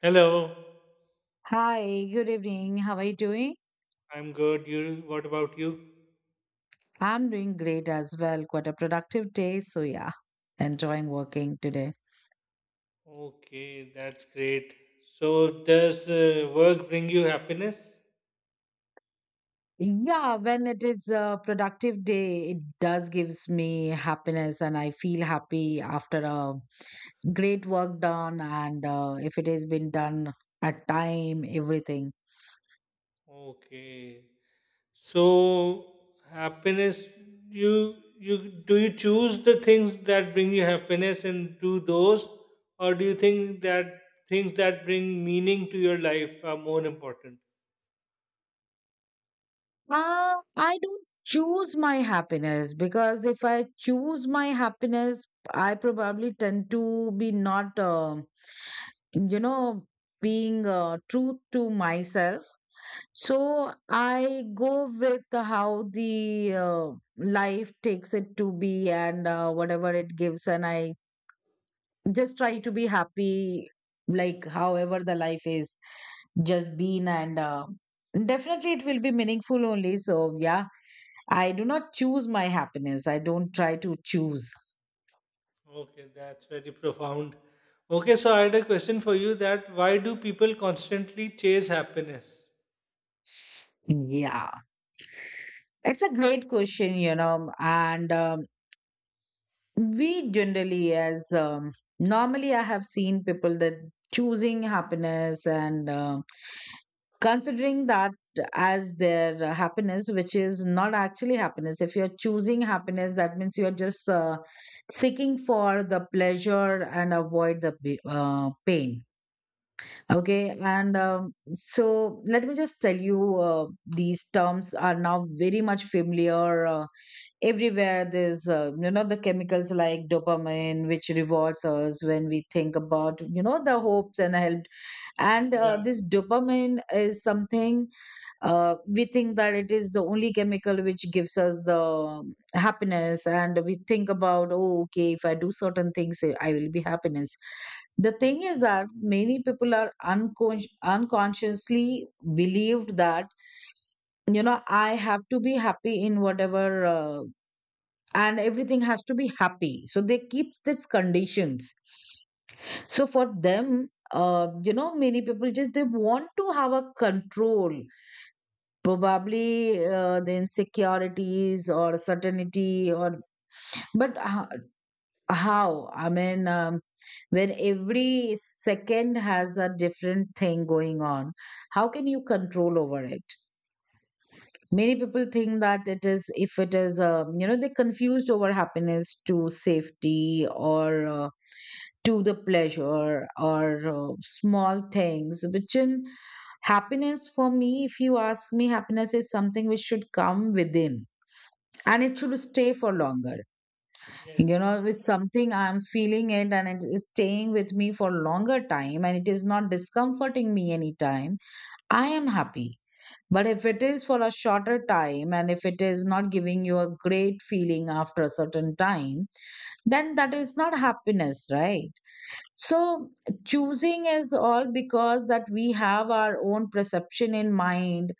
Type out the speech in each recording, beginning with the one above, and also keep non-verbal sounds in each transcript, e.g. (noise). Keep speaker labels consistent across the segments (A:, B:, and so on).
A: Hello,
B: Hi, good evening. How are you doing?
A: I'm good. You, what about you?
B: I'm doing great as well. Quite a productive day. So, yeah, enjoying working today.
A: Okay, that's great. So, does work bring you happiness?
B: Yeah, when it is a productive day, it does gives me happiness, and I feel happy after a great work done, and if it has been done at time, everything.
A: Okay. So, happiness, you you do you choose the things that bring you happiness and do those, or do you think that things that bring meaning to your life are more important?
B: I don't choose my happiness, because if I choose my happiness, I probably tend to be not, you know, being true to myself. So I go with how the life takes it to be, and whatever it gives, and I just try to be happy, like however the life is just been, and definitely it will be meaningful only. So yeah. I do not choose my happiness. I don't try to choose.
A: Okay, that's very profound. Okay, so I had a question for you: that why do people constantly chase happiness?
B: Yeah. It's a great question. And we generally, as normally, I have seen people that choosing happiness and considering that as their happiness, which is not actually happiness. If you're choosing happiness, that means you're just seeking for the pleasure and avoid the pain. Okay, and so let me just tell you, these terms are now very much familiar everywhere. There's, the chemicals like dopamine, which rewards us when we think about, you know, the hopes and help, and
A: Yeah.
B: this dopamine is something we think that it is the only chemical which gives us the happiness, and we think about, oh, okay, if I do certain things, I will be happiness. The thing is that many people are unconsciously believed that, you know, I have to be happy in whatever, and everything has to be happy, so they keep these conditions. So for them, many people just they want to have a control. Probably the insecurities or certainty, or but how? I mean, when every second has a different thing going on, how can you control over it? Many people think that, it is if it is, they confused over happiness to safety, or. To the pleasure or small things which in happiness. For me, if you ask me, happiness is something which should come within, and it should stay for longer, you know,
A: Yes.
B: with something I'm feeling it, and it is staying with me for longer time, and it is not discomforting me anytime, I am happy. But if it is for a shorter time, and if it is not giving you a great feeling after a certain time, then that is not happiness, right? So choosing is all because that we have our own perception in mind.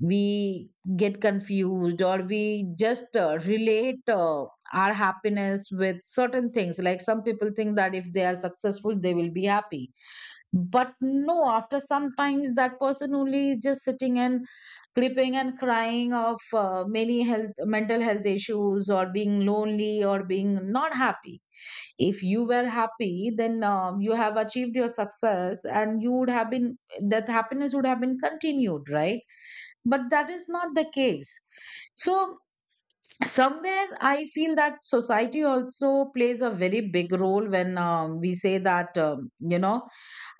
B: We get confused, or we just relate our happiness with certain things. Like some people think that if they are successful, they will be happy. But no, after sometimes that person only is just sitting and creeping and crying of many health, mental health issues, or being lonely, or being not happy. If you were happy, then you have achieved your success, and you would have been, that happiness would have been continued, right? But that is not the case. So somewhere I feel that society also plays a very big role, when we say that, you know,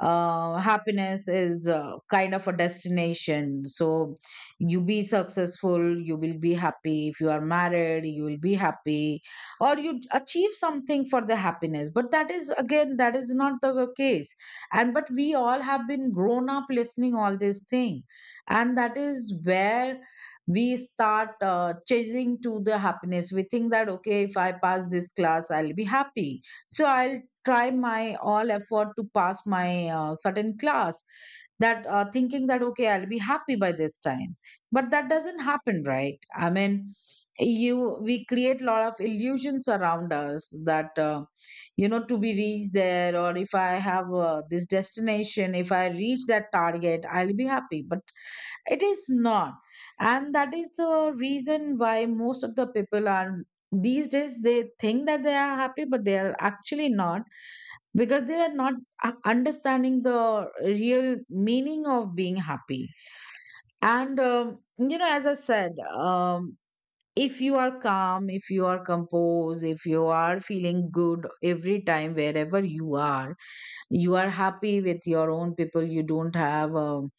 B: happiness is kind of a destination. So you be successful, you will be happy. If you are married, you will be happy, or you achieve something for the happiness. But that is, again, that is not the case. And but we all have been grown up listening all this thing, and that is where we start chasing to the happiness. We think that, okay, if I pass this class, I'll be happy, so I'll try my all effort to pass my certain class. That thinking that, okay, I'll be happy by this time, but that doesn't happen, right? I mean, you we create a lot of illusions around us, that you know, to be reached there, or if I have this destination, if I reach that target, I'll be happy, but it is not. And that is the reason why most of the people are, these days, they think that they are happy, but they are actually not, because they are not understanding the real meaning of being happy. And you know, as I said, if you are calm, if you are composed, if you are feeling good every time wherever you are, you are happy with your own people, you don't have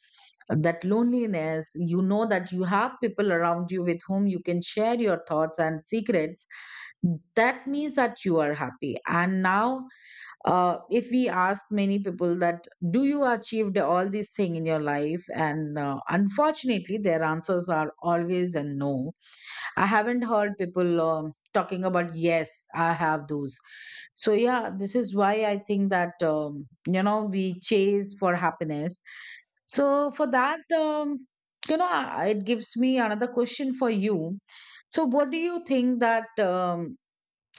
B: that loneliness, you know, that you have people around you with whom you can share your thoughts and secrets, that means that you are happy. And now if we ask many people that, do you achieved all these thing in your life, and unfortunately their answers are always a no. I haven't heard people talking about, yes, I have those. So yeah, this is why I think that, you know, we chase for happiness. So for that, you know, it gives me another question for you. So what do you think that,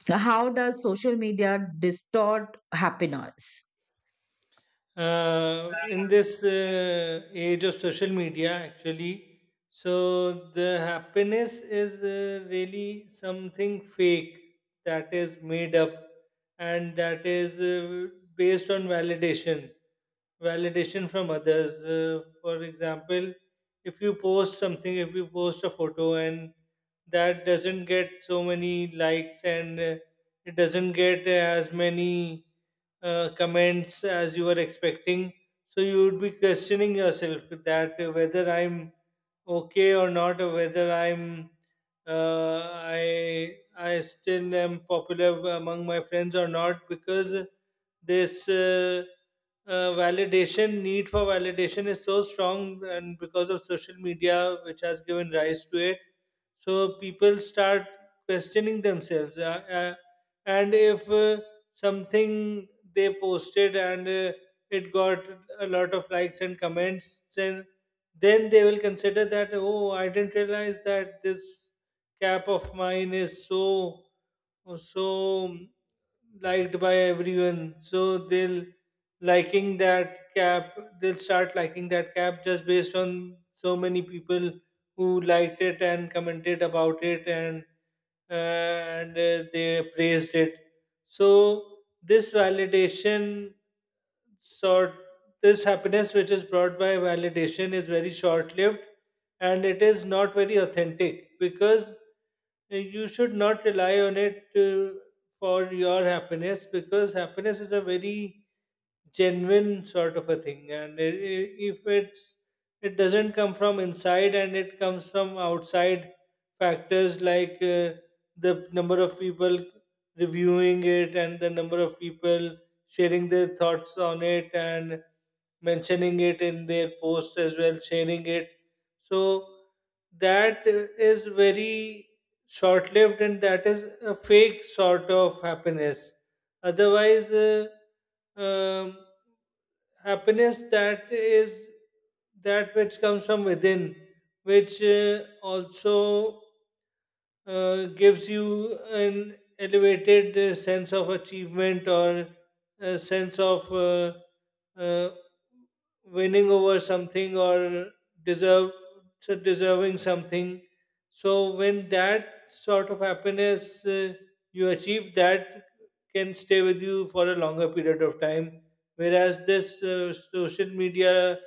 B: how does social media distort happiness?
A: In this age of social media, actually, so the happiness is really something fake that is made up, and that is based on validation, validation from others. For example, if you post something, if you post a photo and that doesn't get so many likes, and it doesn't get as many comments as you were expecting. So you would be questioning yourself that whether I'm okay or not, or whether I'm uh, I still am popular among my friends or not, because this validation, need for validation, is so strong, and because of social media, which has given rise to it, so people start questioning themselves. And if something they posted and it got a lot of likes and comments, and then they will consider that, oh, I didn't realize that this cap of mine is so, so liked by everyone. So they'll liking that cap, they'll start liking that cap just based on so many people who liked it and commented about it and they praised it. So this validation sort, this happiness which is brought by validation, is very short lived, and it is not very authentic because you should not rely on it for your happiness, because happiness is a very genuine sort of a thing, and if it's, it doesn't come from inside and it comes from outside factors like the number of people reviewing it and the number of people sharing their thoughts on it and mentioning it in their posts as well, sharing it. So that is very short lived, and that is a fake sort of happiness. Otherwise, um, happiness that is, that which comes from within, which also gives you an elevated sense of achievement, or a sense of uh, winning over something, or deserve so deserving something. So when that sort of happiness you achieve, that can stay with you for a longer period of time. Whereas this social media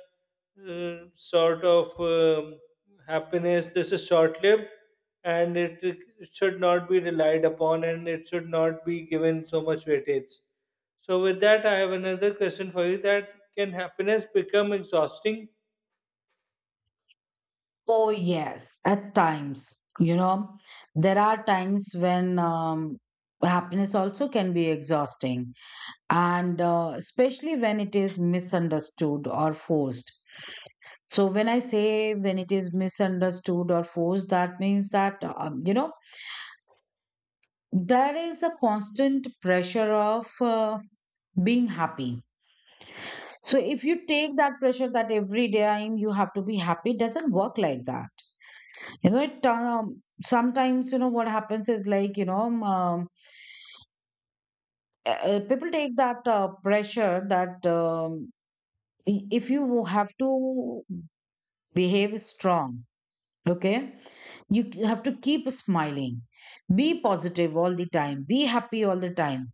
A: sort of happiness, this is short lived, and it should not be relied upon, and it should not be given so much weightage. So, with that, I have another question for you: that can happiness become exhausting?
B: Oh, yes, at times, you know, there are times when happiness also can be exhausting, and especially when it is misunderstood or forced. So when I say when it is misunderstood or forced, that means that, you know, there is a constant pressure of being happy. So if you take that pressure, that every day, you have to be happy, it doesn't work like that. You know, it sometimes, you know, what happens is, like, you know, people take that pressure that, if you have to behave strong, okay, you have to keep smiling, be positive all the time, be happy all the time.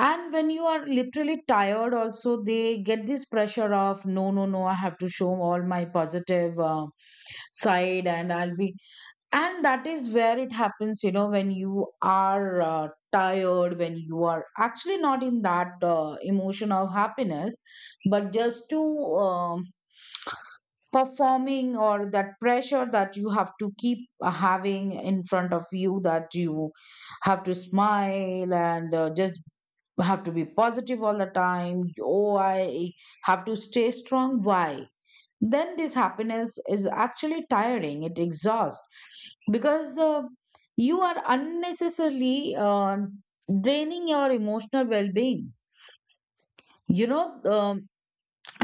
B: And when you are literally tired also, they get this pressure of, no, no, no, I have to show all my positive side, and I'll be, and that is where it happens, you know, when you are tired, when you are actually not in that emotion of happiness, but just to um, performing, or that pressure that you have to keep having in front of you that you have to smile, and just you have to be positive all the time. Oh, I have to stay strong. Why? Then this happiness is actually tiring. It exhausts, because you are unnecessarily draining your emotional well-being. You know,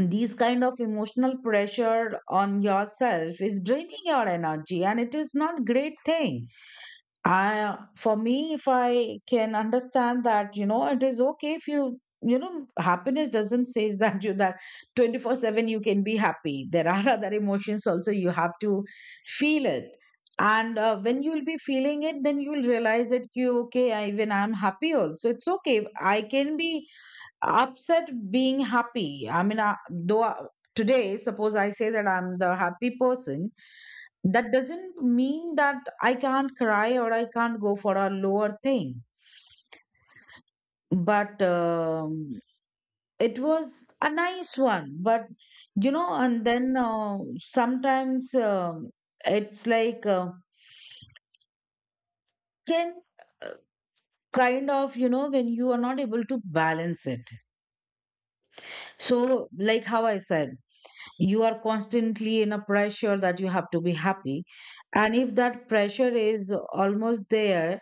B: these kind of emotional pressure on yourself is draining your energy, and it is not great thing. I, for me, if I can understand that, you know, it is okay if you, you know, happiness doesn't say (laughs) that you that 24/7 you can be happy. There are (laughs) other emotions also, you have to feel it. And when you'll be feeling it, then you'll realize that you, okay, I, even I'm happy also. It's okay. I can be upset being happy. I mean, I, though today, suppose I say that I'm the happy person, that doesn't mean that I can't cry or I can't go for a lower thing. But it was a nice one. But you know, and then sometimes it's like can, uh, kind of, you know, when you are not able to balance it. So, like how I said, you are constantly in a pressure that you have to be happy, and if that pressure is almost there,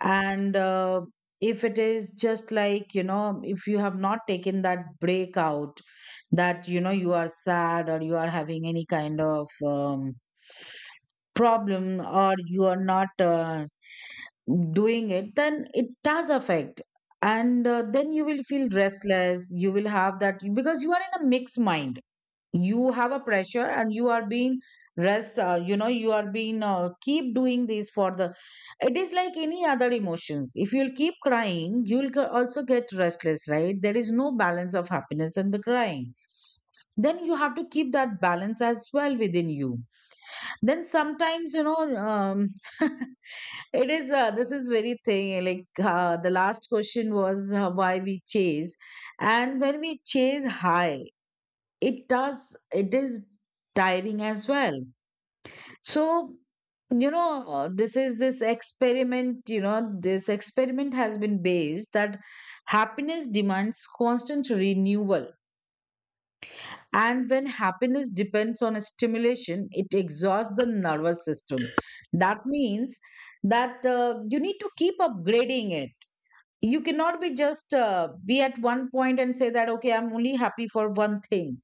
B: and if it is just like, you know, if you have not taken that break out, that you know you are sad, or you are having any kind of problem, or you are not doing it, then it does affect. And then you will feel restless. You will have that, because you are in a mixed mind. You have a pressure, and you are being, rest you know, you are being keep doing this for the, it is like any other emotions, if you'll keep crying, you'll also get restless, right? There is no balance of happiness and the crying. Then you have to keep that balance as well within you. Then sometimes, you know, (laughs) it is this is very thing, like the last question was, why we chase. And when we chase high, it does, it is tiring as well. So, you know, this is this experiment, you know, this experiment has been based that happiness demands constant renewal. And when happiness depends on stimulation, it exhausts the nervous system. That means that you need to keep upgrading it. You cannot be just be at one point and say that, okay, I'm only happy for one thing.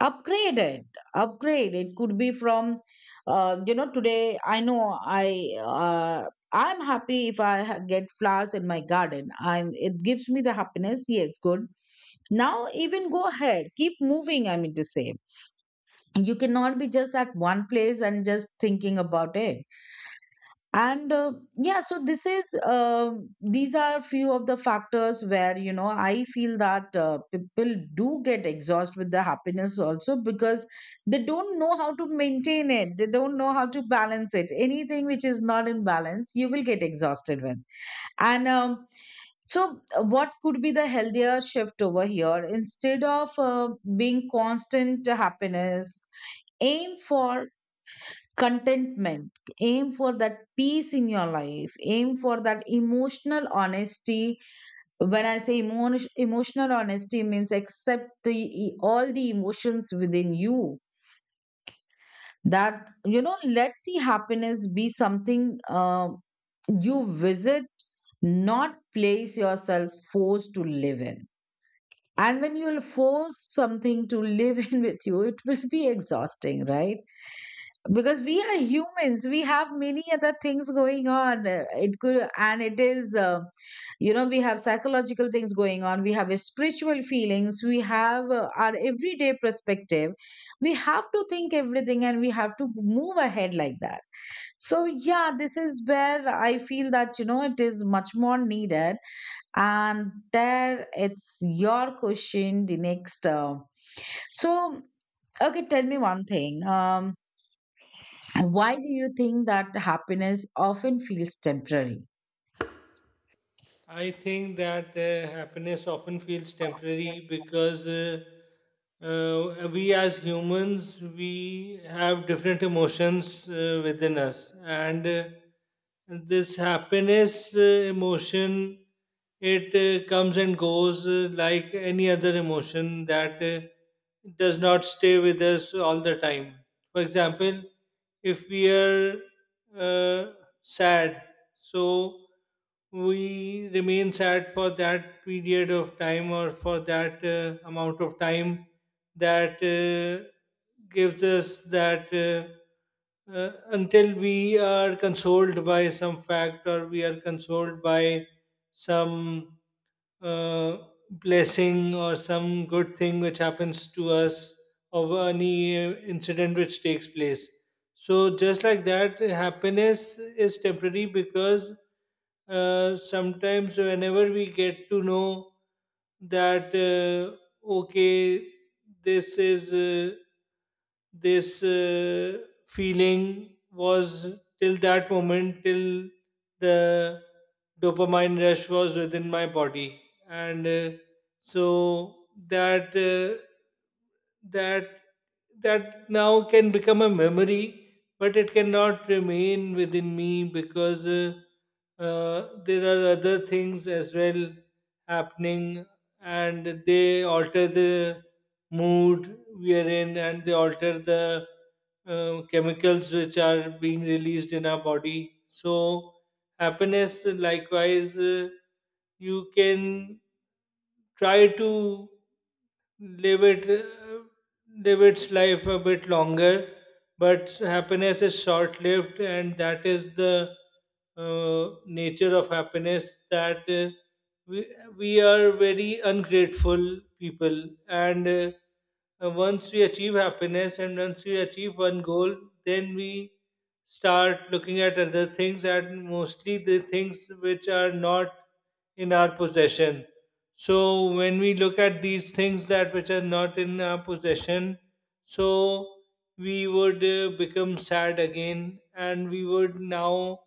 B: Upgraded, upgrade it could be from, you know, today, I know, I uh, I'm happy if I get flowers in my garden. I'm, it gives me the happiness. Yes, good. Now even go ahead, keep moving, I mean to say, you cannot be just at one place and just thinking about it. And yeah, so this is, these are few of the factors where you know I feel that people do get exhausted with the happiness also, because they don't know how to maintain it, they don't know how to balance it. Anything which is not in balance, you will get exhausted with. And um, so uh, what could be the healthier shift over here, instead of being constant happiness? Aim for contentment, aim for that peace in your life, aim for that emotional honesty. When I say emotional honesty means accept all the emotions within you, that you know, let the happiness be something uh, you visit, not place yourself forced to live in. And when you'll force something to (laughs) live in with you, it will be exhausting, right? Because we are humans, we have many other things going on. It could, and it is, you know, we have psychological things going on, we have spiritual feelings, we have our everyday perspective. We have to think everything and we have to move ahead like that. So yeah, this is where I feel that you know it is much more needed. And there it's your question, the next. So, okay, tell me one thing. Why do you think that happiness often feels temporary?
A: I think that happiness often feels temporary because we as humans, we have different emotions within us, and this happiness emotion, it comes and goes like any other emotion that does not stay with us all the time. For example, if we are uh, sad, so we remain sad for that period of time, or for that amount of time, that gives us that until we are consoled by some fact, or we are consoled by some uh, blessing or some good thing which happens to us, or any incident which takes place. So, just like that, happiness is temporary because sometimes, whenever we get to know that, okay, this is. This feeling was till that moment, till the dopamine rush was within my body, and so that that that now can become a memory, but it cannot remain within me, because there are other things as well happening, and they alter the mood we are in, and they alter the chemicals which are being released in our body. So happiness, likewise, you can try to live it, live its life a bit longer, but happiness is short lived, and that is the uh, nature of happiness, that we, we are very ungrateful people, and once we achieve happiness and once we achieve one goal, then we start looking at other things, and mostly the things which are not in our possession. So when we look at these things that which are not in our possession, so we would become sad again, and we would now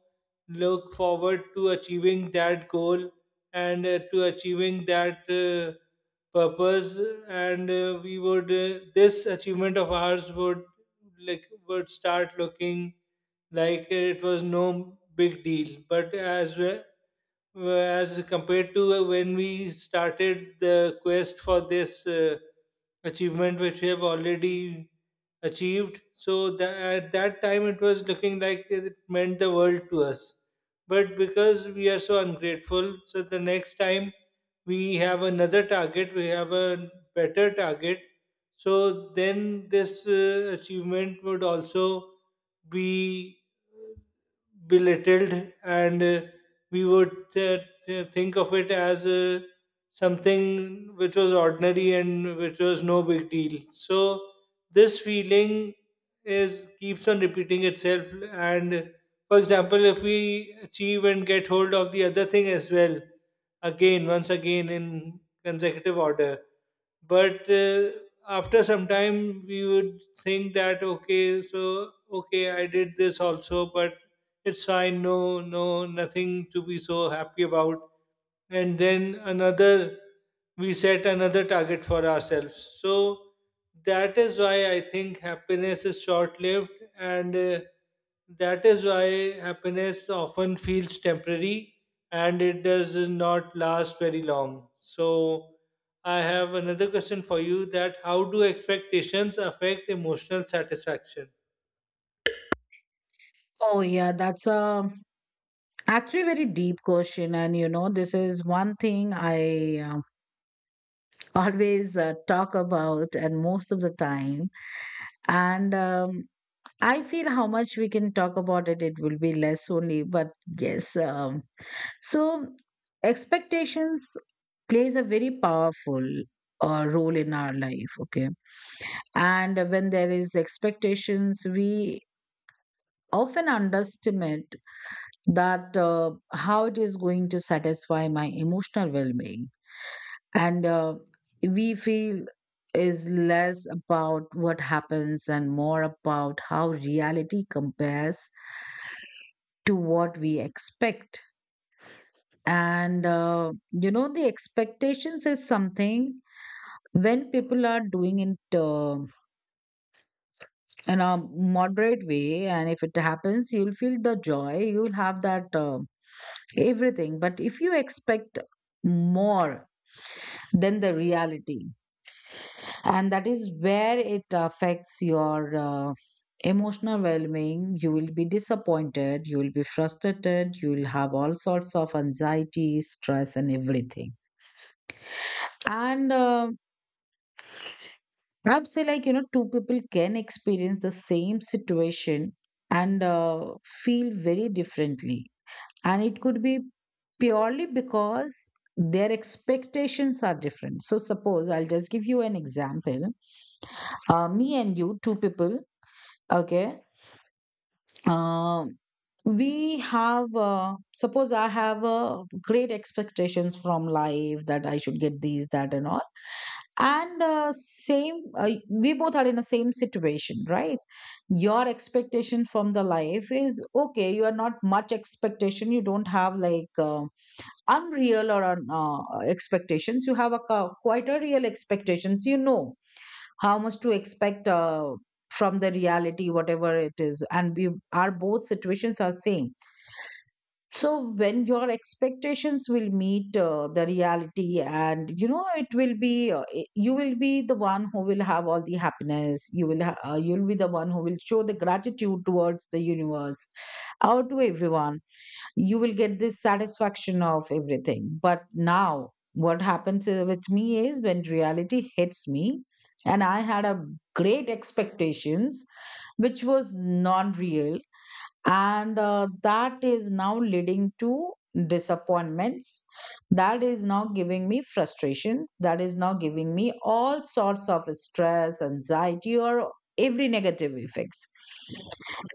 A: look forward to achieving that goal, and to achieving that purpose, and we would this achievement of ours would like would start looking like it was no big deal. Uh, as compared to when we started the quest for this achievement, which we have already achieved, so that at that time it was looking like it meant the world to us. But because we are so ungrateful, so the next time we have another target, we have a better target. So then this achievement would also be belittled, and we would think of it as something which was ordinary and which was no big deal. So this feeling is keeps on repeating itself, and for example, if we achieve and get hold of the other thing as well, again, once again, in consecutive order, but after some time we would think that, okay, so okay, I did this also, but it's fine, no, no, nothing to be so happy about. And then another, we set another target for ourselves. So that is why I think happiness is short lived, and that is why happiness often feels temporary, and it does not last very long. So I have another question for you: that how do expectations affect emotional satisfaction?
B: Oh, yeah, that's a, actually very deep question. And you know, this is one thing I always talk about, and most of the time. And I feel how much we can talk about it, it will be less only. But yes, so expectations plays a very powerful role in our life. Okay, and when there is expectations, we often underestimate that how it is going to satisfy my emotional well-being, and we feel is less about what happens and more about how reality compares to what we expect. And You know, the expectations is something, when people are doing it in a moderate way and if it happens, you'll feel the joy, you'll have that everything. But if you expect more than the reality, and that is where it affects your emotional well-being, you will be disappointed, you will be frustrated, you will have all sorts of anxiety, stress and everything. And I would say, like, you know, two people can experience the same situation and feel very differently. And it could be purely because their expectations are different. So, suppose I'll just give you an example. Me and you, two people, okay? Um we have, suppose I have great expectations from life, that I should get these, that and all. And same We both are in the same situation, right? Your expectation from the life is okay, you are not much expectation, you don't have like unreal or expectations. You have a quite a real expectations, you know how much to expect from the reality whatever it is, and we are both situations are same. So when your expectations will meet the reality and you know, it will be uh, you will be the one who will have all the happiness, you will you'll be the one who will show the gratitude towards the universe, out to everyone. You will get this satisfaction of everything. But now, what happens with me is, when reality hits me, and I had a great expectations which was non-real, and that is now leading to disappointments. That is now giving me frustrations. That is now giving me all sorts of stress, anxiety, or every negative effects.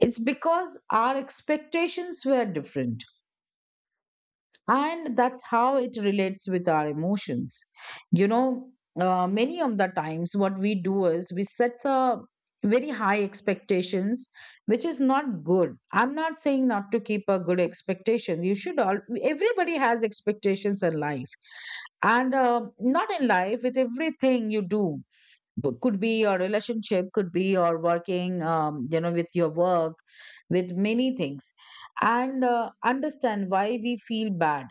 B: It's because our expectations were different, and that's how it relates with our emotions. You know, many of the times what we do is we set a very high expectations, which is not good. I'm not saying not to keep a good expectation, you should, all, everybody has expectations in life. And Not in life, with everything you do. But could be your relationship, could be your working, you know, with your work, with many things. And Understand why we feel bad.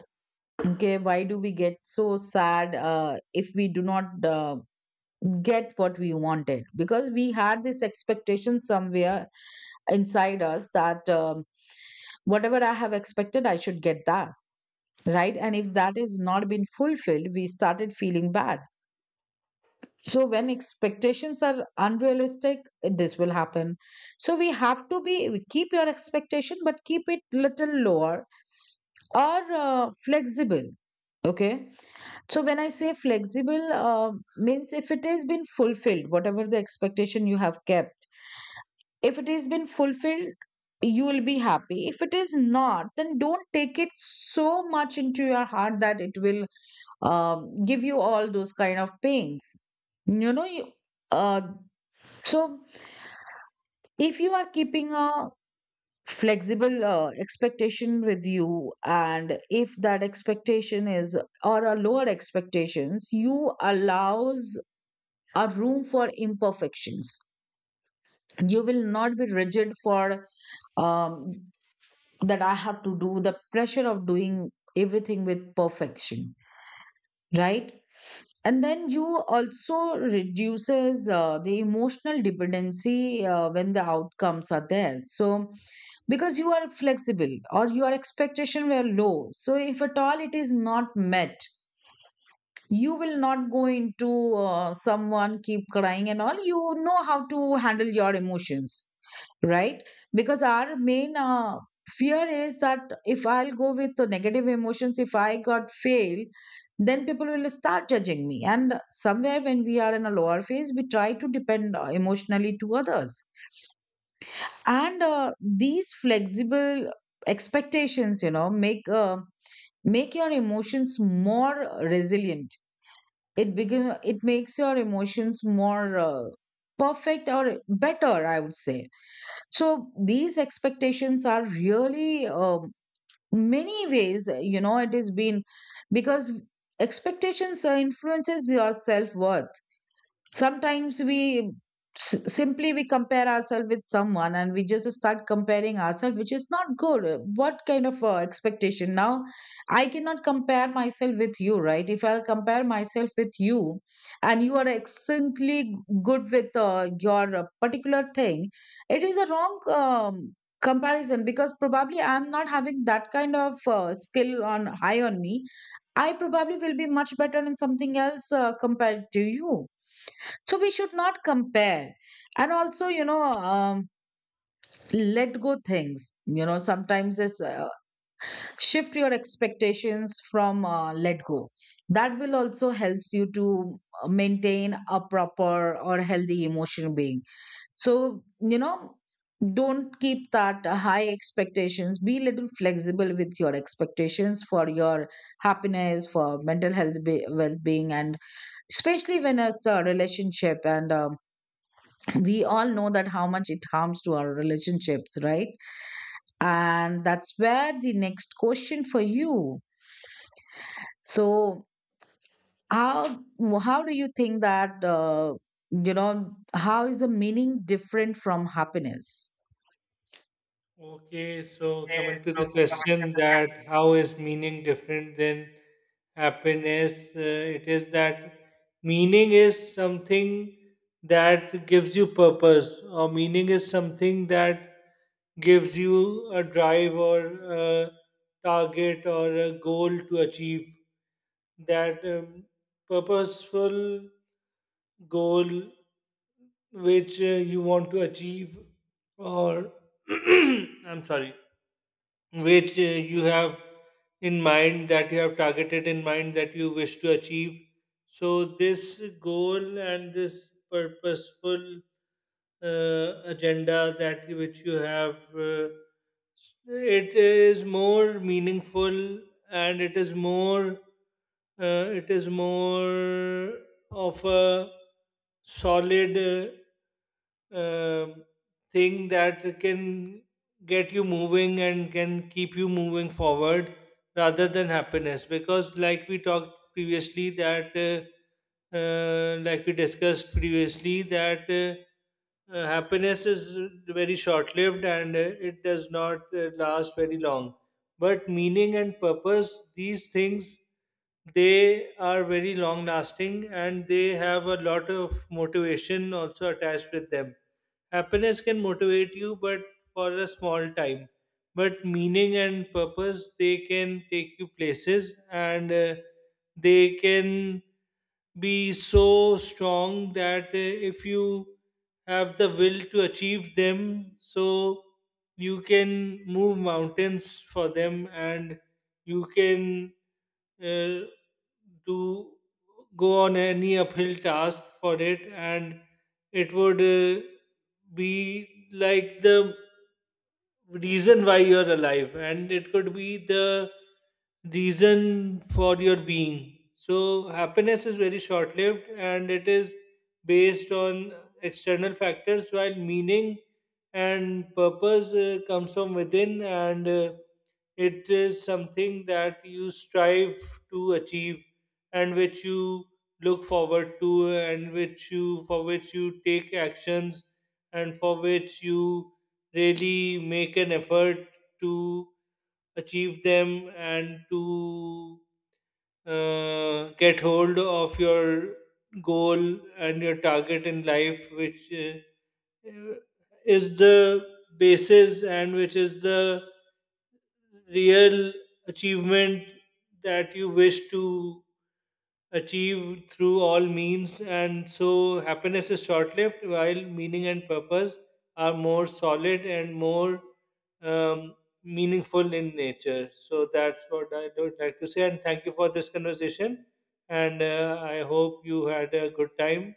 B: Okay, why do we get so sad if we do not get what we wanted? Because we had this expectation somewhere inside us that whatever I have expected I should get that, right? And if that is not been fulfilled, we started feeling bad. So when expectations are unrealistic, this will happen. So we have to be, keep your expectation but keep it little lower, or flexible. Okay, so when I say flexible, means if it has been fulfilled, whatever the expectation you have kept, if it has been fulfilled, you will be happy. If it is not, then don't take it so much into your heart that it will give you all those kind of pains. You know, you, uh, so if you are keeping a flexible expectation with you, and if that expectation is or a lower expectations, you allows a room for imperfections. You will not be rigid for um, that I have to do, the pressure of doing everything with perfection, right? And then you also reduces the emotional dependency when the outcomes are there. So because you are flexible or your expectation were low, so if at all it is not met, you will not go into someone keep crying and all, you know how to handle your emotions, right? Because our main fear is that, if I'll go with the negative emotions, if I got failed, then people will start judging me, and somewhere when we are in a lower phase we try to depend emotionally to others. And These flexible expectations, you know, make make your emotions more resilient. It begin, it makes your emotions more perfect or better, I would say. So these expectations are really many ways, you know, it has been, because expectations influences your self worth. Sometimes we, simply we compare ourselves with someone, and we just start comparing ourselves, which is not good. What kind of expectation now? I cannot compare myself with you, right? If I'll compare myself with you, and you are excellently good with your particular thing, it is a wrong comparison, because probably I'm not having that kind of skill on high on me. I probably will be much better in something else compared to you. So we should not compare. And also, you know, let go things, you know, sometimes it's shift your expectations from, let go. That will also helps you to maintain a proper or healthy emotional being. So you know, don't keep that high expectations, be little flexible with your expectations for your happiness, for mental health, well-being. And especially when it's a relationship, and we all know that how much it harms to our relationships, right? And that's where the next question for you. So, how how do you think that you know, how is the meaning different from happiness?
A: Okay, so coming to the question: that how is meaning different than happiness? It is that meaning is something that gives you purpose, or meaning is something that gives you a drive, or a target, or a goal to achieve. That purposeful goal which you want to achieve, or (clears throat) I'm sorry, which you have in mind, that you have targeted in mind, that you wish to achieve. So, this goal and this purposeful agenda that which you have, it is more meaningful, and it is more of a solid uh, um, thing that can get you moving and can keep you moving forward, rather than happiness, because like we talked previously that like we discussed previously that happiness is very short lived, and it does not last very long. But meaning and purpose, these things, they are very long lasting, and they have a lot of motivation also attached with them. Happiness can motivate you, but for a small time, but meaning and purpose, they can take you places, and they can be so strong that if you have the will to achieve them, so you can move mountains for them, and you can uh, do go on any uphill task for it, and it would be like the reason why you're alive, and it could be the reason for your being. So happiness is very short lived, and it is based on external factors, while meaning and purpose comes from within, and it is something that you strive to achieve, and which you look forward to, and which you for which you take actions, and for which you really make an effort to achieve them, and to get hold of your goal and your target in life, which uh, is the basis, and which is the real achievement that you wish to achieved through all means. And so happiness is short lived, while meaning and purpose are more solid and more um, meaningful in nature. So that's what I would like to say, and thank you for this conversation. And I hope you had a good time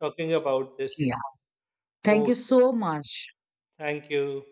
A: talking about this.
B: Yeah, thank you
A: Okay,
B: so much.
A: thank you.